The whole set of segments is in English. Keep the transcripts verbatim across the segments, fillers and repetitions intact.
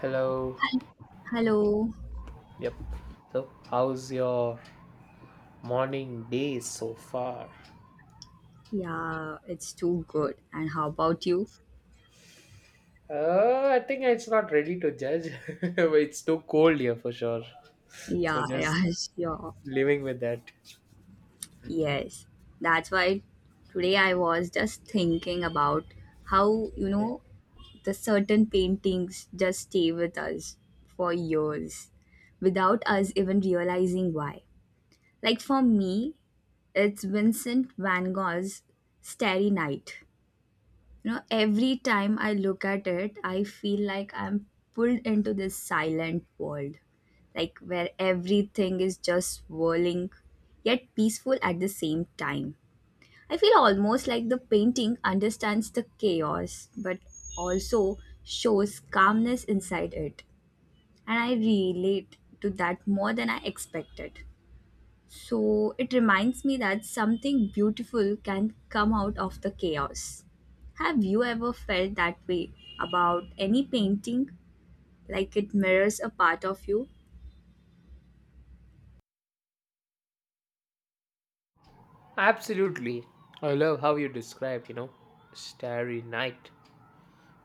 Hello. Hello. Yep. So, how's your morning day so far? Yeah, it's too good. And how about you? Uh, I think it's not ready to judge. It's too cold here for sure. So, Yeah, yeah, just sure. living with that. Yes. That's why today I was just thinking about how, you know, the certain paintings just stay with us for years without us even realizing why. Like for me, it's Vincent van Gogh's Starry Night. You know, every time I look at it I feel like I'm pulled into this silent world, like where everything is just swirling yet peaceful at the same time. I feel almost like the painting understands the chaos but also shows calmness inside it, and I relate to that more than I expected. So it reminds me that something beautiful can come out of the chaos. Have you ever felt that way about any painting? Like it mirrors a part of you? Absolutely. I love how you described, you know, Starry Night.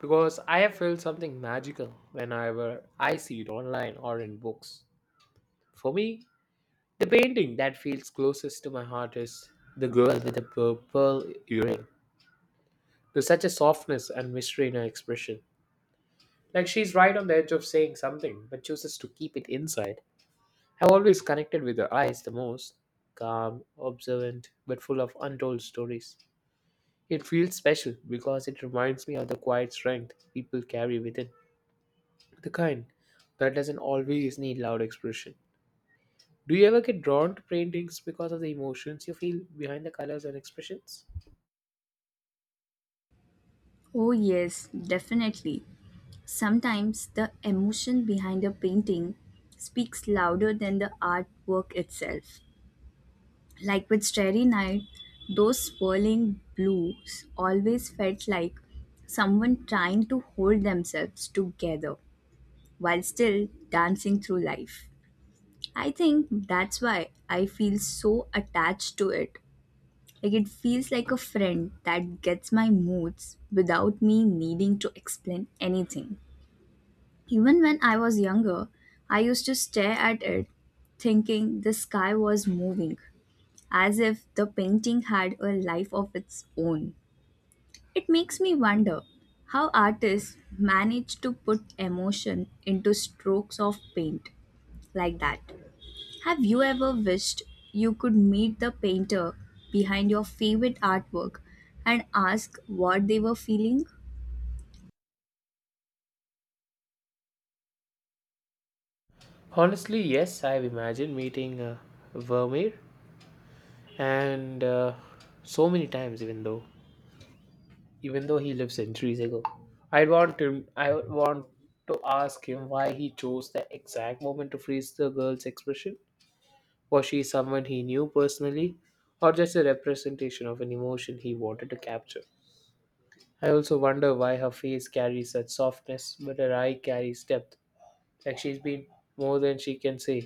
Because I have felt something magical whenever I see it online or in books. For me, the painting that feels closest to my heart is The Girl with the Purple Earring. There's such a softness and mystery in her expression. Like she's right on the edge of saying something, but chooses to keep it inside. I've always connected with her eyes the most: calm, observant, but full of untold stories. It feels special because it reminds me of the quiet strength people carry within, the kind that doesn't always need loud expression. Do you ever get drawn to paintings because of the emotions you feel behind the colors and expressions? Oh, yes, definitely. Sometimes the emotion behind a painting speaks louder than the artwork itself. Like with Starry Night, those swirling blues always felt like someone trying to hold themselves together while still dancing through life. I think that's why I feel so attached to it. Like it feels like a friend that gets my moods without me needing to explain anything. Even when I was younger, I used to stare at it thinking the sky was moving, as if the painting had a life of its own. It makes me wonder how artists manage to put emotion into strokes of paint like that. Have you ever wished you could meet the painter behind your favorite artwork and ask what they were feeling? Honestly, yes, I've imagined meeting uh, Vermeer and uh, so many times, even though even though he lived centuries ago. I want him i want to ask him why he chose the exact moment to freeze the girl's expression. Was she someone he knew personally, or just a representation of an emotion he wanted to capture? I also wonder why her face carries such softness but her eye carries depth, like she's been more than she can say.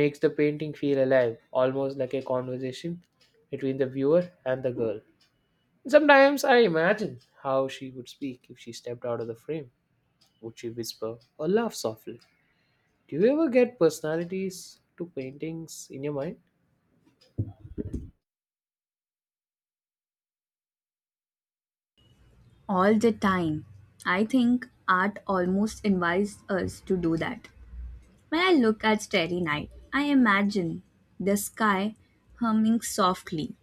Makes the painting feel alive, almost like a conversation between the viewer and the girl. Sometimes I imagine how she would speak if she stepped out of the frame. Would she whisper or laugh softly? Do you ever get personalities to paintings in your mind? All the time. I think art almost invites us to do that. When I look at Starry Night, I imagine the sky humming softly,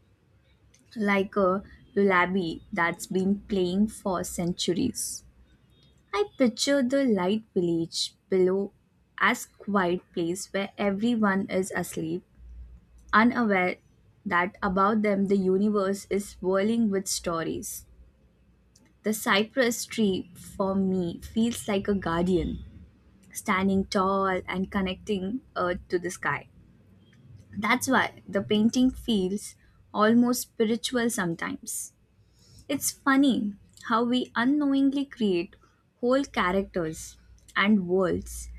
like a lullaby that's been playing for centuries. I picture the light village below as quiet place where everyone is asleep, unaware that about them the universe is swirling with stories. The cypress tree, for me, feels like a guardian, standing tall and connecting earth to the sky. That's why the painting feels almost spiritual sometimes. It's funny how we unknowingly create whole characters and worlds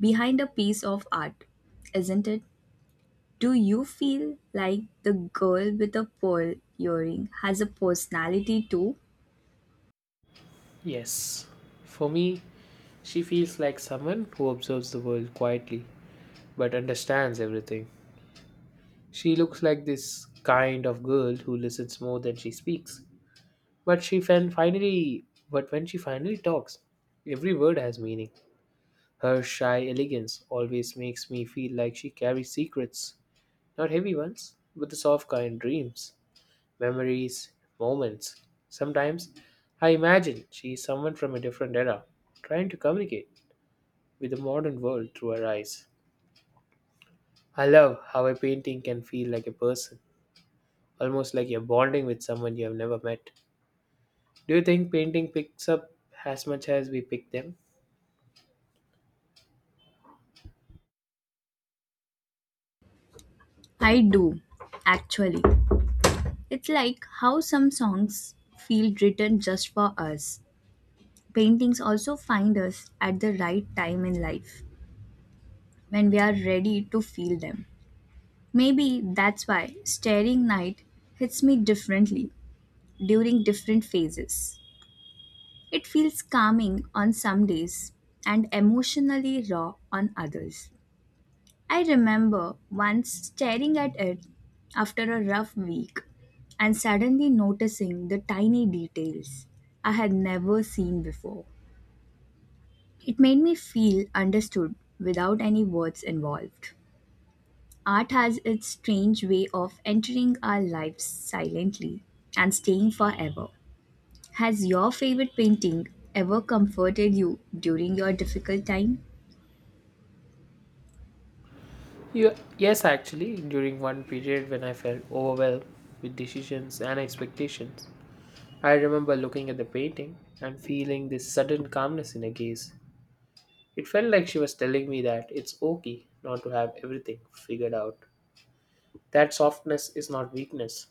behind a piece of art, isn't it? Do you feel like the girl with the pearl earring has a personality too? Yes. For me, she feels like someone who observes the world quietly but understands everything. She looks like this kind of girl who listens more than she speaks. But she fin- finally, but when she finally talks, every word has meaning. Her shy elegance always makes me feel like she carries secrets. Not heavy ones, but the soft kind: dreams, memories, moments. Sometimes I imagine she is someone from a different era, trying to communicate with the modern world through her eyes. I love how a painting can feel like a person, almost like you're bonding with someone you have never met. Do you think painting picks up as much as we pick them? I do, actually. It's like how some songs feel written just for us. Paintings also find us at the right time in life, when we are ready to feel them. Maybe that's why Staring Night hits me differently during different phases. It feels calming on some days and emotionally raw on others. I remember once staring at it after a rough week and suddenly noticing the tiny details I had never seen before. It made me feel understood without any words involved. Art has its strange way of entering our lives silently and staying forever. Has your favorite painting ever comforted you during your difficult time? Yeah, yes, actually, during one period when I felt overwhelmed with decisions and expectations, I remember looking at the painting and feeling this sudden calmness in her gaze. It felt like she was telling me that it's okay not to have everything figured out. That softness is not weakness.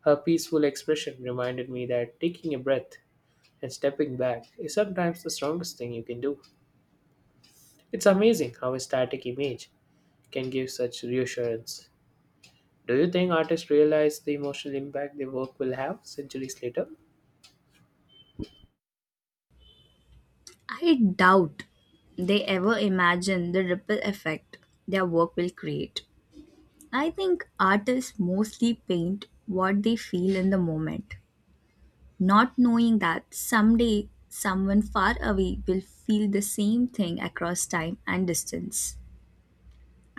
Her peaceful expression reminded me that taking a breath and stepping back is sometimes the strongest thing you can do. It's amazing how a static image can give such reassurance. Do you think artists realize the emotional impact their work will have centuries later? I doubt they ever imagine the ripple effect their work will create. I think artists mostly paint what they feel in the moment, not knowing that someday someone far away will feel the same thing across time and distance.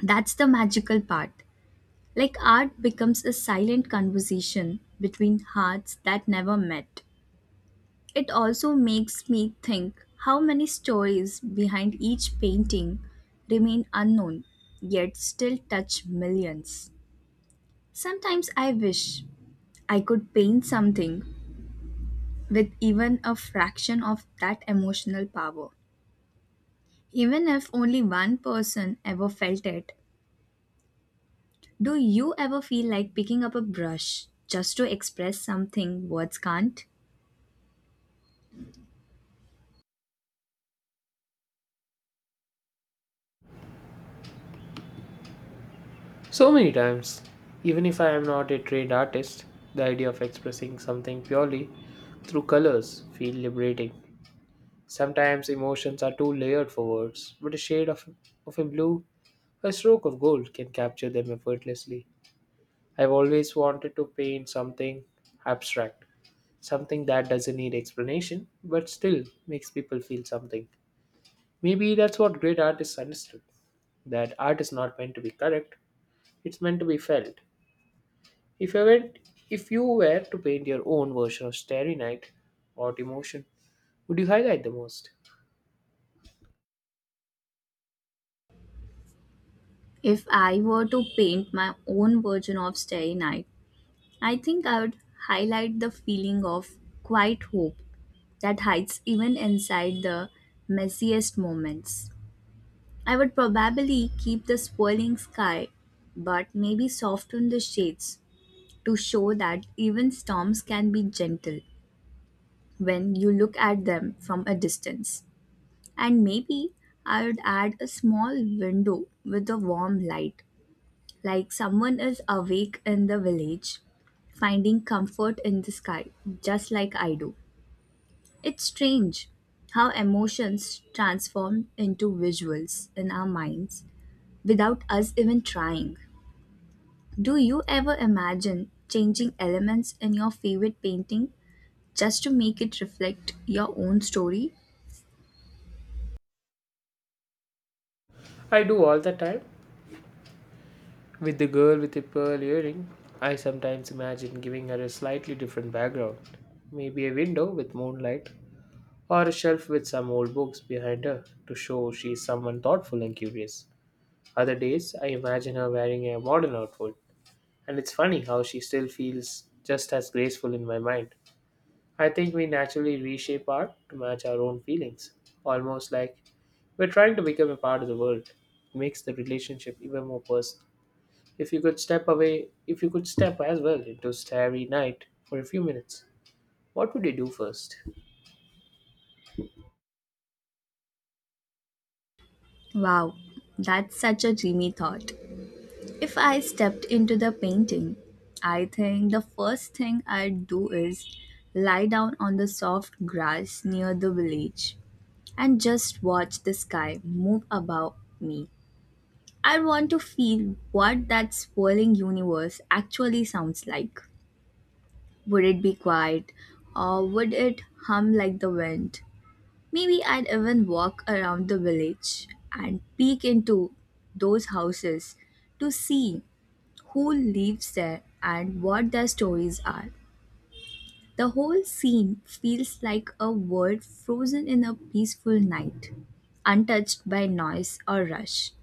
That's the magical part. Like art becomes a silent conversation between hearts that never met. It also makes me think how many stories behind each painting remain unknown, yet still touch millions. Sometimes I wish I could paint something with even a fraction of that emotional power. Even if only one person ever felt it, do you ever feel like picking up a brush just to express something words can't? So many times, even if I am not a trained artist, the idea of expressing something purely through colors feel liberating. Sometimes emotions are too layered for words, but a shade of, of a blue, a stroke of gold can capture them effortlessly. I've always wanted to paint something abstract, something that doesn't need explanation, but still makes people feel something. Maybe that's what great artists understood: that art is not meant to be correct, it's meant to be felt. If you were, if you were to paint your own version of Starry Night or Emotion, would you highlight the most? If I were to paint my own version of Starry Night, I think I would highlight the feeling of quiet hope that hides even inside the messiest moments. I would probably keep the swirling sky, but maybe soften the shades to show that even storms can be gentle when you look at them from a distance. And maybe I would add a small window with a warm light, like someone is awake in the village, finding comfort in the sky, just like I do. It's strange how emotions transform into visuals in our minds without us even trying. Do you ever imagine changing elements in your favorite painting just to make it reflect your own story? I do all the time. With the girl with the pearl earring, I sometimes imagine giving her a slightly different background. Maybe a window with moonlight, or a shelf with some old books behind her to show she is someone thoughtful and curious. Other days, I imagine her wearing a modern outfit, and it's funny how she still feels just as graceful in my mind. I think we naturally reshape art to match our own feelings, almost like we're trying to become a part of the world. It makes the relationship even more personal. If you could step away, If you could step as well into Starry Night for a few minutes, what would you do first? Wow, that's such a dreamy thought. If I stepped into the painting, I think the first thing I'd do is lie down on the soft grass near the village and just watch the sky move above me. I want to feel what that swirling universe actually sounds like. Would it be quiet, or would it hum like the wind? Maybe I'd even walk around the village and peek into those houses to see who lives there, and what their stories are. The whole scene feels like a world frozen in a peaceful night, untouched by noise or rush.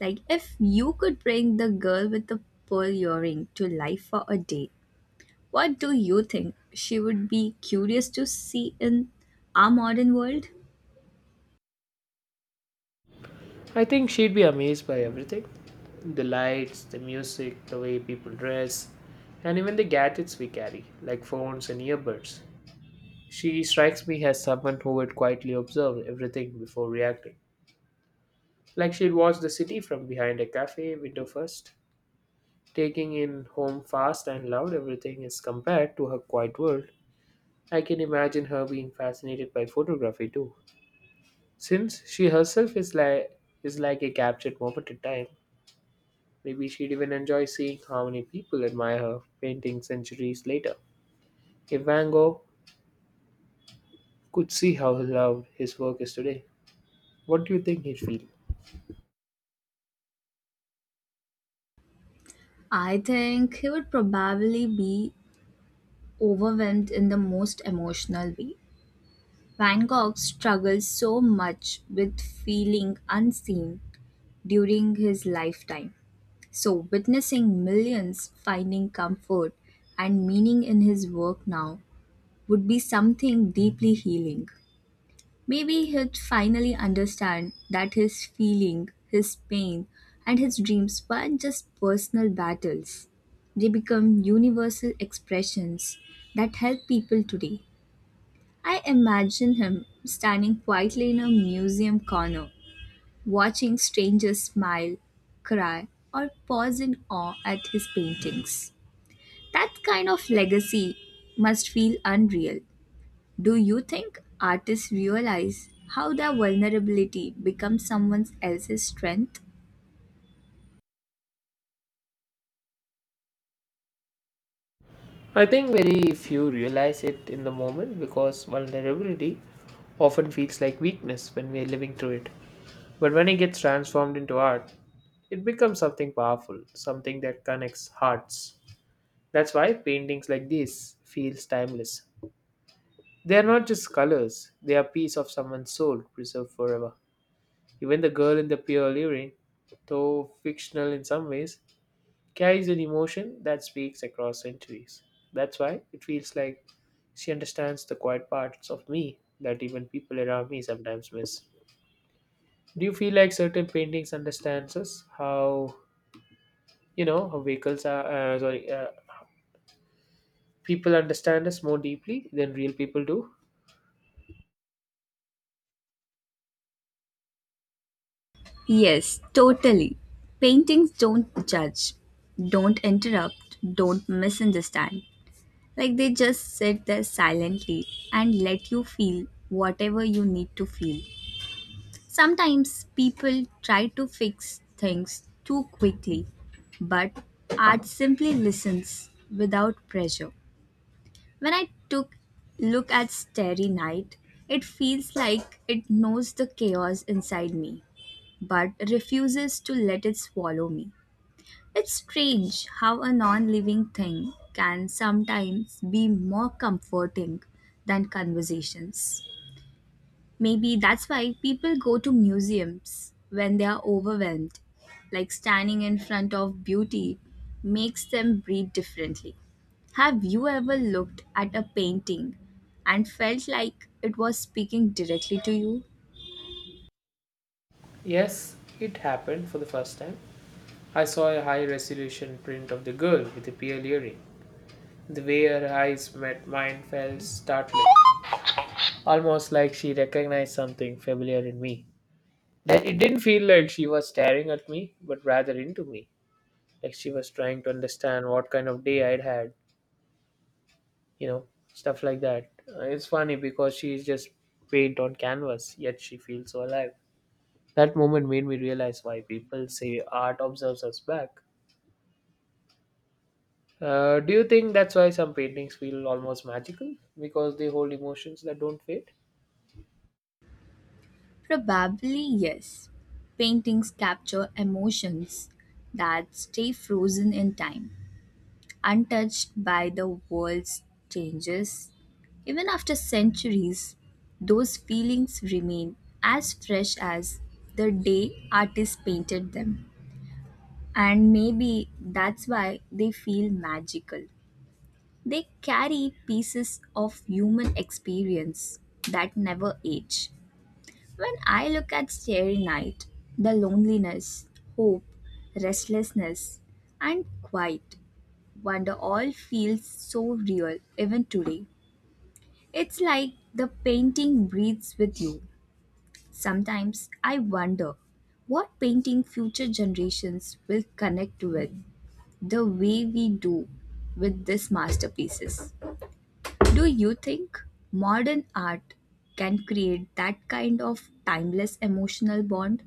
Like, if you could bring the girl with the pearl earring to life for a day, what do you think she would be curious to see in our modern world? I think she'd be amazed by everything: the lights, the music, the way people dress, and even the gadgets we carry, like phones and earbuds. She strikes me as someone who would quietly observe everything before reacting. Like she'd watch the city from behind a cafe window first, taking in home fast and loud everything is compared to her quiet world. I can imagine her being fascinated by photography too. Since she herself is like is like a captured moment in time, maybe she'd even enjoy seeing how many people admire her painting centuries later. If Van Gogh could see how loved his work is today, what do you think he'd feel? I think he would probably be overwhelmed in the most emotional way. Van Gogh struggled so much with feeling unseen during his lifetime. So, witnessing millions finding comfort and meaning in his work now would be something deeply healing. Maybe he'd finally understand that his feeling, his pain, and his dreams weren't just personal battles. They become universal expressions that help people today. I imagine him standing quietly in a museum corner, watching strangers smile, cry, or pause in awe at his paintings. That kind of legacy must feel unreal. Do you think artists realize how their vulnerability becomes someone else's strength? I think very few realize it in the moment because vulnerability often feels like weakness when we are living through it. But when it gets transformed into art, it becomes something powerful, something that connects hearts. That's why paintings like this feels timeless. They are not just colors, they are piece of someone's soul preserved forever. Even the girl in the pure earring, though fictional in some ways, carries an emotion that speaks across centuries. That's why it feels like she understands the quiet parts of me that even people around me sometimes miss. Do you feel like certain paintings understands us? How you know how vehicles are uh, sorry, uh, people understand us more deeply than real people do? Yes, totally. Paintings don't judge, don't interrupt, don't misunderstand. Like they just sit there silently and let you feel whatever you need to feel. Sometimes people try to fix things too quickly, but art simply listens without pressure. When I took look at Starry Night, it feels like it knows the chaos inside me, but refuses to let it swallow me. It's strange how a non living thing can sometimes be more comforting than conversations. Maybe that's why people go to museums when they are overwhelmed, like standing in front of beauty makes them breathe differently. Have you ever looked at a painting and felt like it was speaking directly to you? Yes, it happened for the first time. I saw a high resolution print of the girl with the pearl earring. The way her eyes met mine felt startling, almost like she recognized something familiar in me. That it didn't feel like she was staring at me, but rather into me. Like she was trying to understand what kind of day I'd had, you know, stuff like that. Uh, It's funny because she's just paint on canvas, yet she feels so alive. That moment made me realize why people say art observes us back. Uh, do you think that's why some paintings feel almost magical? Because they hold emotions that don't fade? Probably yes. Paintings capture emotions that stay frozen in time, untouched by the world's changes. Even after centuries, those feelings remain as fresh as the day artists painted them. And maybe that's why they feel magical. They carry pieces of human experience that never age. When I look at Starry Night, the loneliness, hope, restlessness, and quiet wonder all feels so real even today. It's like the painting breathes with you. Sometimes I wonder what painting future generations will connect with the way we do with these masterpieces. Do you think modern art can create that kind of timeless emotional bond?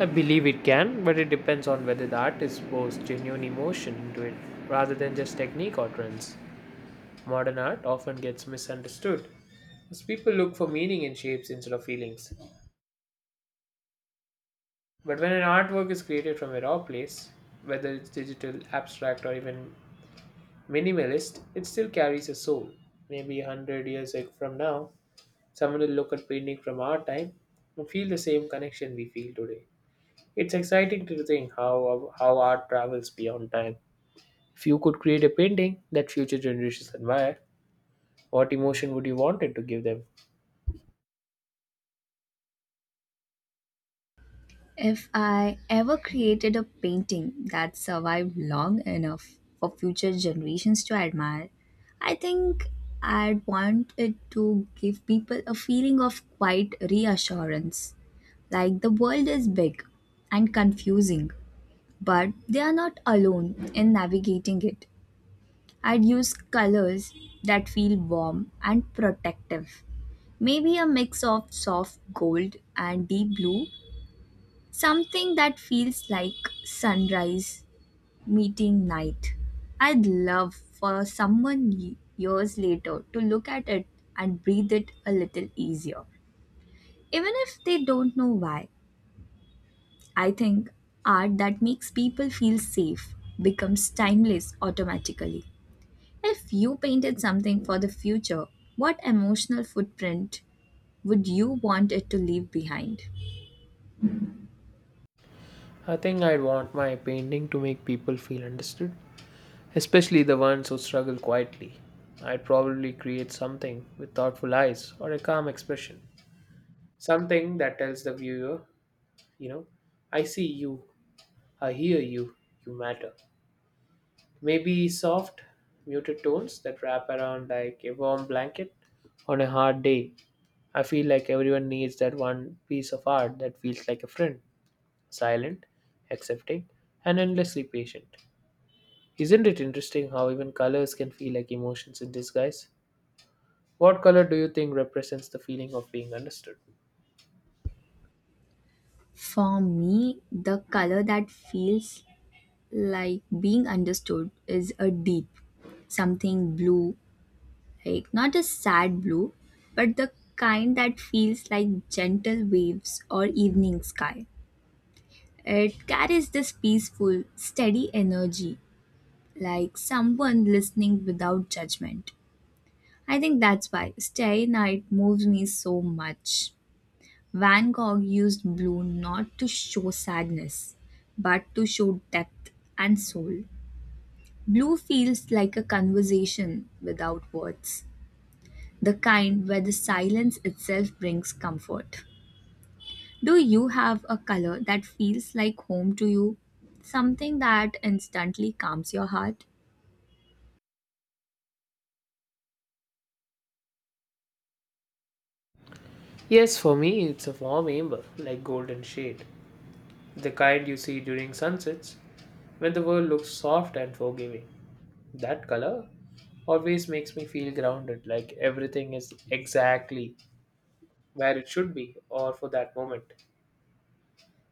I believe it can, but it depends on whether the artist pours genuine emotion into it rather than just technique or trends. Modern art often gets misunderstood as people look for meaning in shapes instead of feelings. But when an artwork is created from a raw place, whether it's digital, abstract, or even minimalist, it still carries a soul. Maybe a hundred years ag- from now, someone will look at painting from our time and feel the same connection we feel today. It's exciting to think how, how art travels beyond time. If you could create a painting that future generations admire, what emotion would you want it to give them? If I ever created a painting that survived long enough for future generations to admire, I think I'd want it to give people a feeling of quiet reassurance. Like the world is big and confusing, but they are not alone in navigating it. I'd use colors that feel warm and protective. Maybe a mix of soft gold and deep blue. Something that feels like sunrise meeting night. I'd love for someone ye- years later to look at it and breathe it a little easier. Even if they don't know why, I think art that makes people feel safe becomes timeless automatically. If you painted something for the future, what emotional footprint would you want it to leave behind? I think I'd want my painting to make people feel understood, especially the ones who struggle quietly. I'd probably create something with thoughtful eyes or a calm expression. Something that tells the viewer, you know, I see you, I hear you, you matter. Maybe soft, muted tones that wrap around like a warm blanket on a hard day. I feel like everyone needs that one piece of art that feels like a friend, silent, accepting, and endlessly patient. Isn't it interesting how even colors can feel like emotions in disguise? What color do you think represents the feeling of being understood? For me, the color that feels like being understood is a deep something blue, like not a sad blue but the kind that feels like gentle waves or evening sky. It carries this peaceful steady energy, like someone listening without judgment. I think that's why Starry Night moves me so much. Van Gogh used blue not to show sadness, but to show depth and soul. Blue feels like a conversation without words, the kind where the silence itself brings comfort. Do you have a color that feels like home to you? Something that instantly calms your heart? Yes, for me, it's a warm amber, like golden shade, the kind you see during sunsets when the world looks soft and forgiving. That color always makes me feel grounded, like everything is exactly where it should be or for that moment.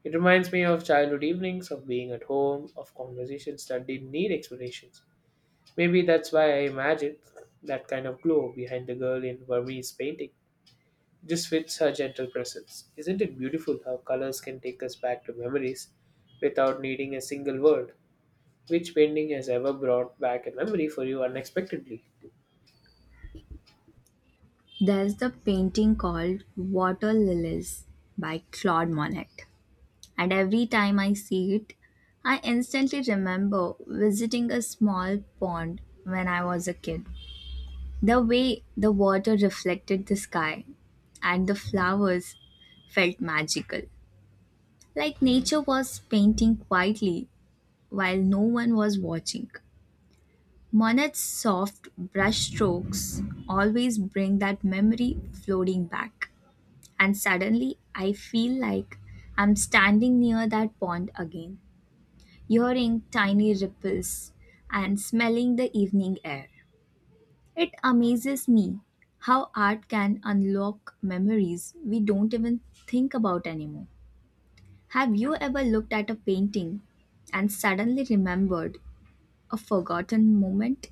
It reminds me of childhood evenings, of being at home, of conversations that didn't need explanations. Maybe that's why I imagine that kind of glow behind the girl in Vermeer's painting. Just fits her gentle presence. Isn't it beautiful how colors can take us back to memories without needing a single word? Which painting has ever brought back a memory for you unexpectedly? There's the painting called Water Lilies by Claude Monet. And every time I see it, I instantly remember visiting a small pond when I was a kid. The way the water reflected the sky and the flowers felt magical, like nature was painting quietly while no one was watching. Monet's soft brush strokes always bring that memory floating back, and suddenly I feel like I'm standing near that pond again, hearing tiny ripples and smelling the evening air. It amazes me how art can unlock memories we don't even think about anymore. Have you ever looked at a painting and suddenly remembered a forgotten moment?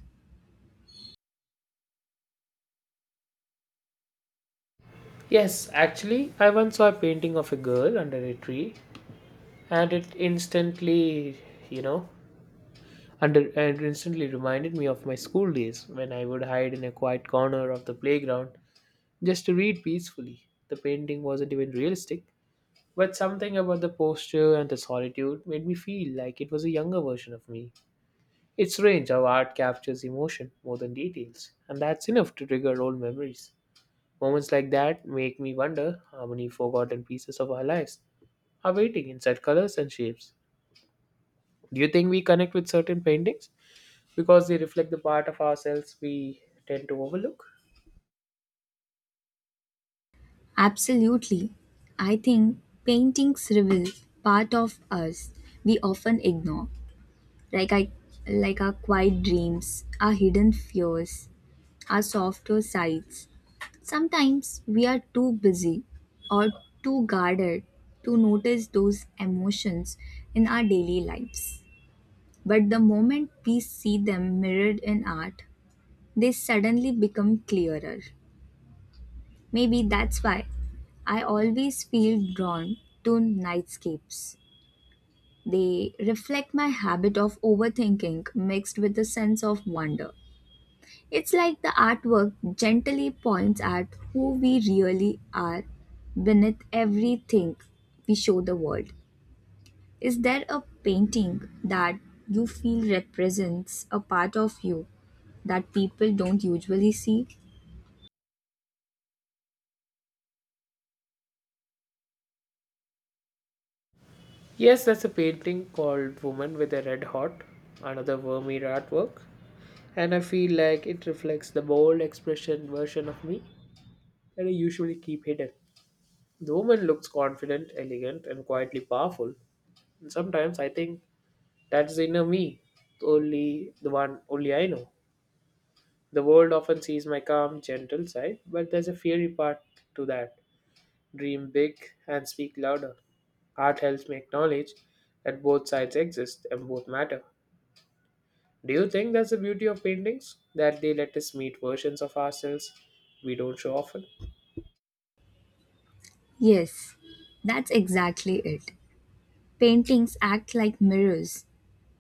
Yes, actually, I once saw a painting of a girl under a tree, and it instantly, you know, And it, and it instantly reminded me of my school days when I would hide in a quiet corner of the playground just to read peacefully. The painting wasn't even realistic, but something about the posture and the solitude made me feel like it was a younger version of me. It's strange how art captures emotion more than details, and that's enough to trigger old memories. Moments like that make me wonder how many forgotten pieces of our lives are waiting in such colors and shapes. Do you think we connect with certain paintings because they reflect the part of ourselves we tend to overlook? Absolutely. I think paintings reveal part of us we often ignore, like I like our quiet dreams, our hidden fears, our softer sides. Sometimes we are too busy or too guarded to notice those emotions in our daily lives. But the moment we see them mirrored in art, they suddenly become clearer. Maybe that's why I always feel drawn to nightscapes. They reflect my habit of overthinking mixed with a sense of wonder. It's like the artwork gently points at who we really are beneath everything we show the world. Is there a painting that you feel represents a part of you that people don't usually see? Yes, that's a painting called Woman with a Red Hot, another Vermeer artwork, and I feel like it reflects the bold expression version of me that I usually keep hidden. The woman looks confident, elegant, and quietly powerful. And sometimes I think that's the inner me, only the one only I know. The world often sees my calm, gentle side, but there's a fiery part to that. Dream big and speak louder. Art helps me acknowledge that both sides exist and both matter. Do you think that's the beauty of paintings? That they let us meet versions of ourselves we don't show often? Yes, that's exactly it. Paintings act like mirrors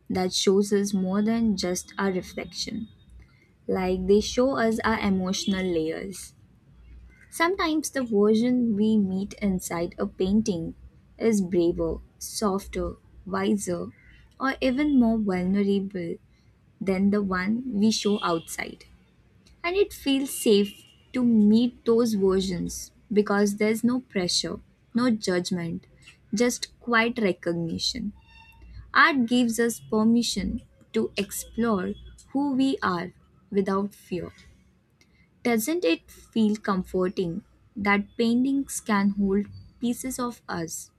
that shows us more than just our reflection. Like they show us our emotional layers. Sometimes the version we meet inside a painting is braver, softer, wiser, or even more vulnerable than the one we show outside. And it feels safe to meet those versions because there's no pressure, no judgment, just quiet recognition. Art gives us permission to explore who we are without fear. Doesn't it feel comforting that paintings can hold pieces of us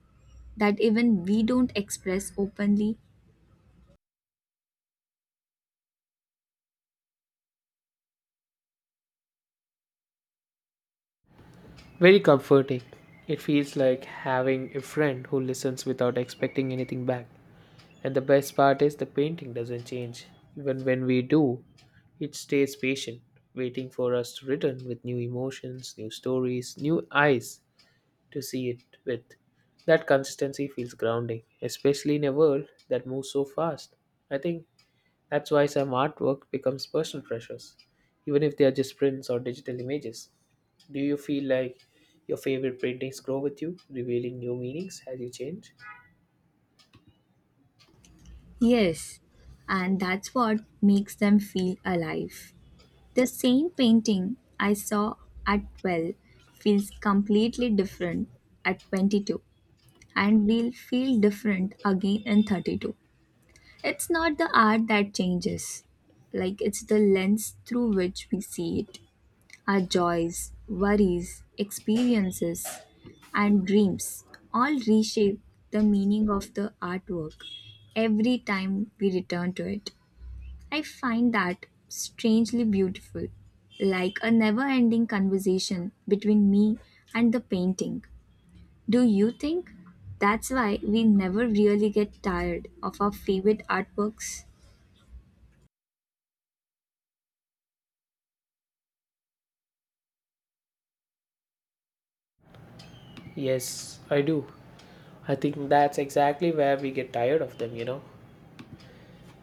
that even we don't express openly? Very comforting. It feels like having a friend who listens without expecting anything back. And the best part is the painting doesn't change. Even when we do, it stays patient, waiting for us to return with new emotions, new stories, new eyes, to see it with. That consistency feels grounding, especially in a world that moves so fast. I think that's why some artwork becomes personal treasures, even if they are just prints or digital images. Do you feel like your favorite paintings grow with you, revealing new meanings as you change? Yes, and that's what makes them feel alive. The same painting I saw at twelve feels completely different at twenty-two and will feel different again in thirty-two. It's not the art that changes, like it's the lens through which we see it. Our joys, worries, experiences, and dreams all reshape the meaning of the artwork every time we return to it. I find that strangely beautiful, like a never ending conversation between me and the painting. Do you think that's why we never really get tired of our favorite artworks? Yes, I do. I think that's exactly where we get tired of them, you know.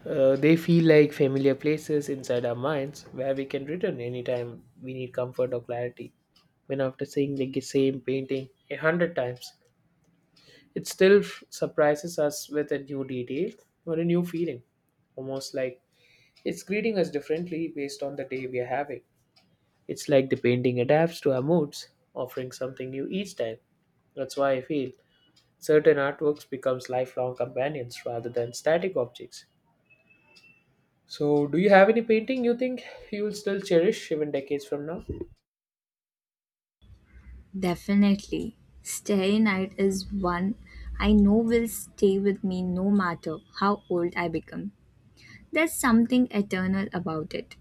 Uh, they feel like familiar places inside our minds where we can return anytime we need comfort or clarity. When after seeing the same painting a hundred times, it still f- surprises us with a new detail or a new feeling, almost like it's greeting us differently based on the day we are having. It's like the painting adapts to our moods, offering something new each time. That's why I feel certain artworks becomes lifelong companions rather than static objects. So, do you have any painting you think you will still cherish even decades from now? Definitely. Starry Night is one I know will stay with me no matter how old I become. There's something eternal about it.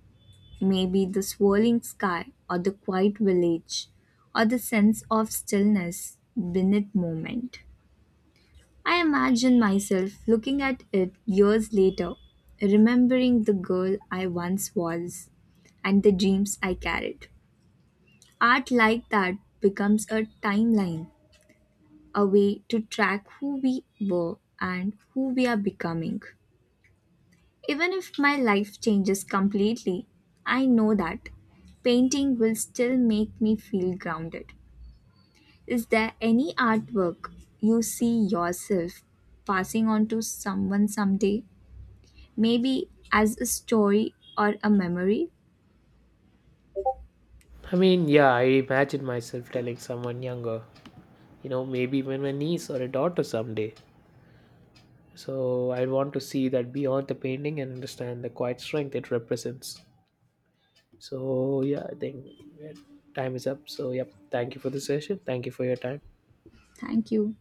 Maybe the swirling sky, or the quiet village, or the sense of stillness beneath moment. I imagine myself looking at it years later, remembering the girl I once was and the dreams I carried. Art like that becomes a timeline, a way to track who we were and who we are becoming. Even if my life changes completely, I know that painting will still make me feel grounded. Is there any artwork you see yourself passing on to someone someday? Maybe as a story or a memory? I mean, yeah, I imagine myself telling someone younger, you know, maybe even my niece or a daughter someday. So, I want to see that beyond the painting and understand the quiet strength it represents. So, yeah, I think yeah, time is up. So, yep, thank you for the session. Thank you for your time. Thank you.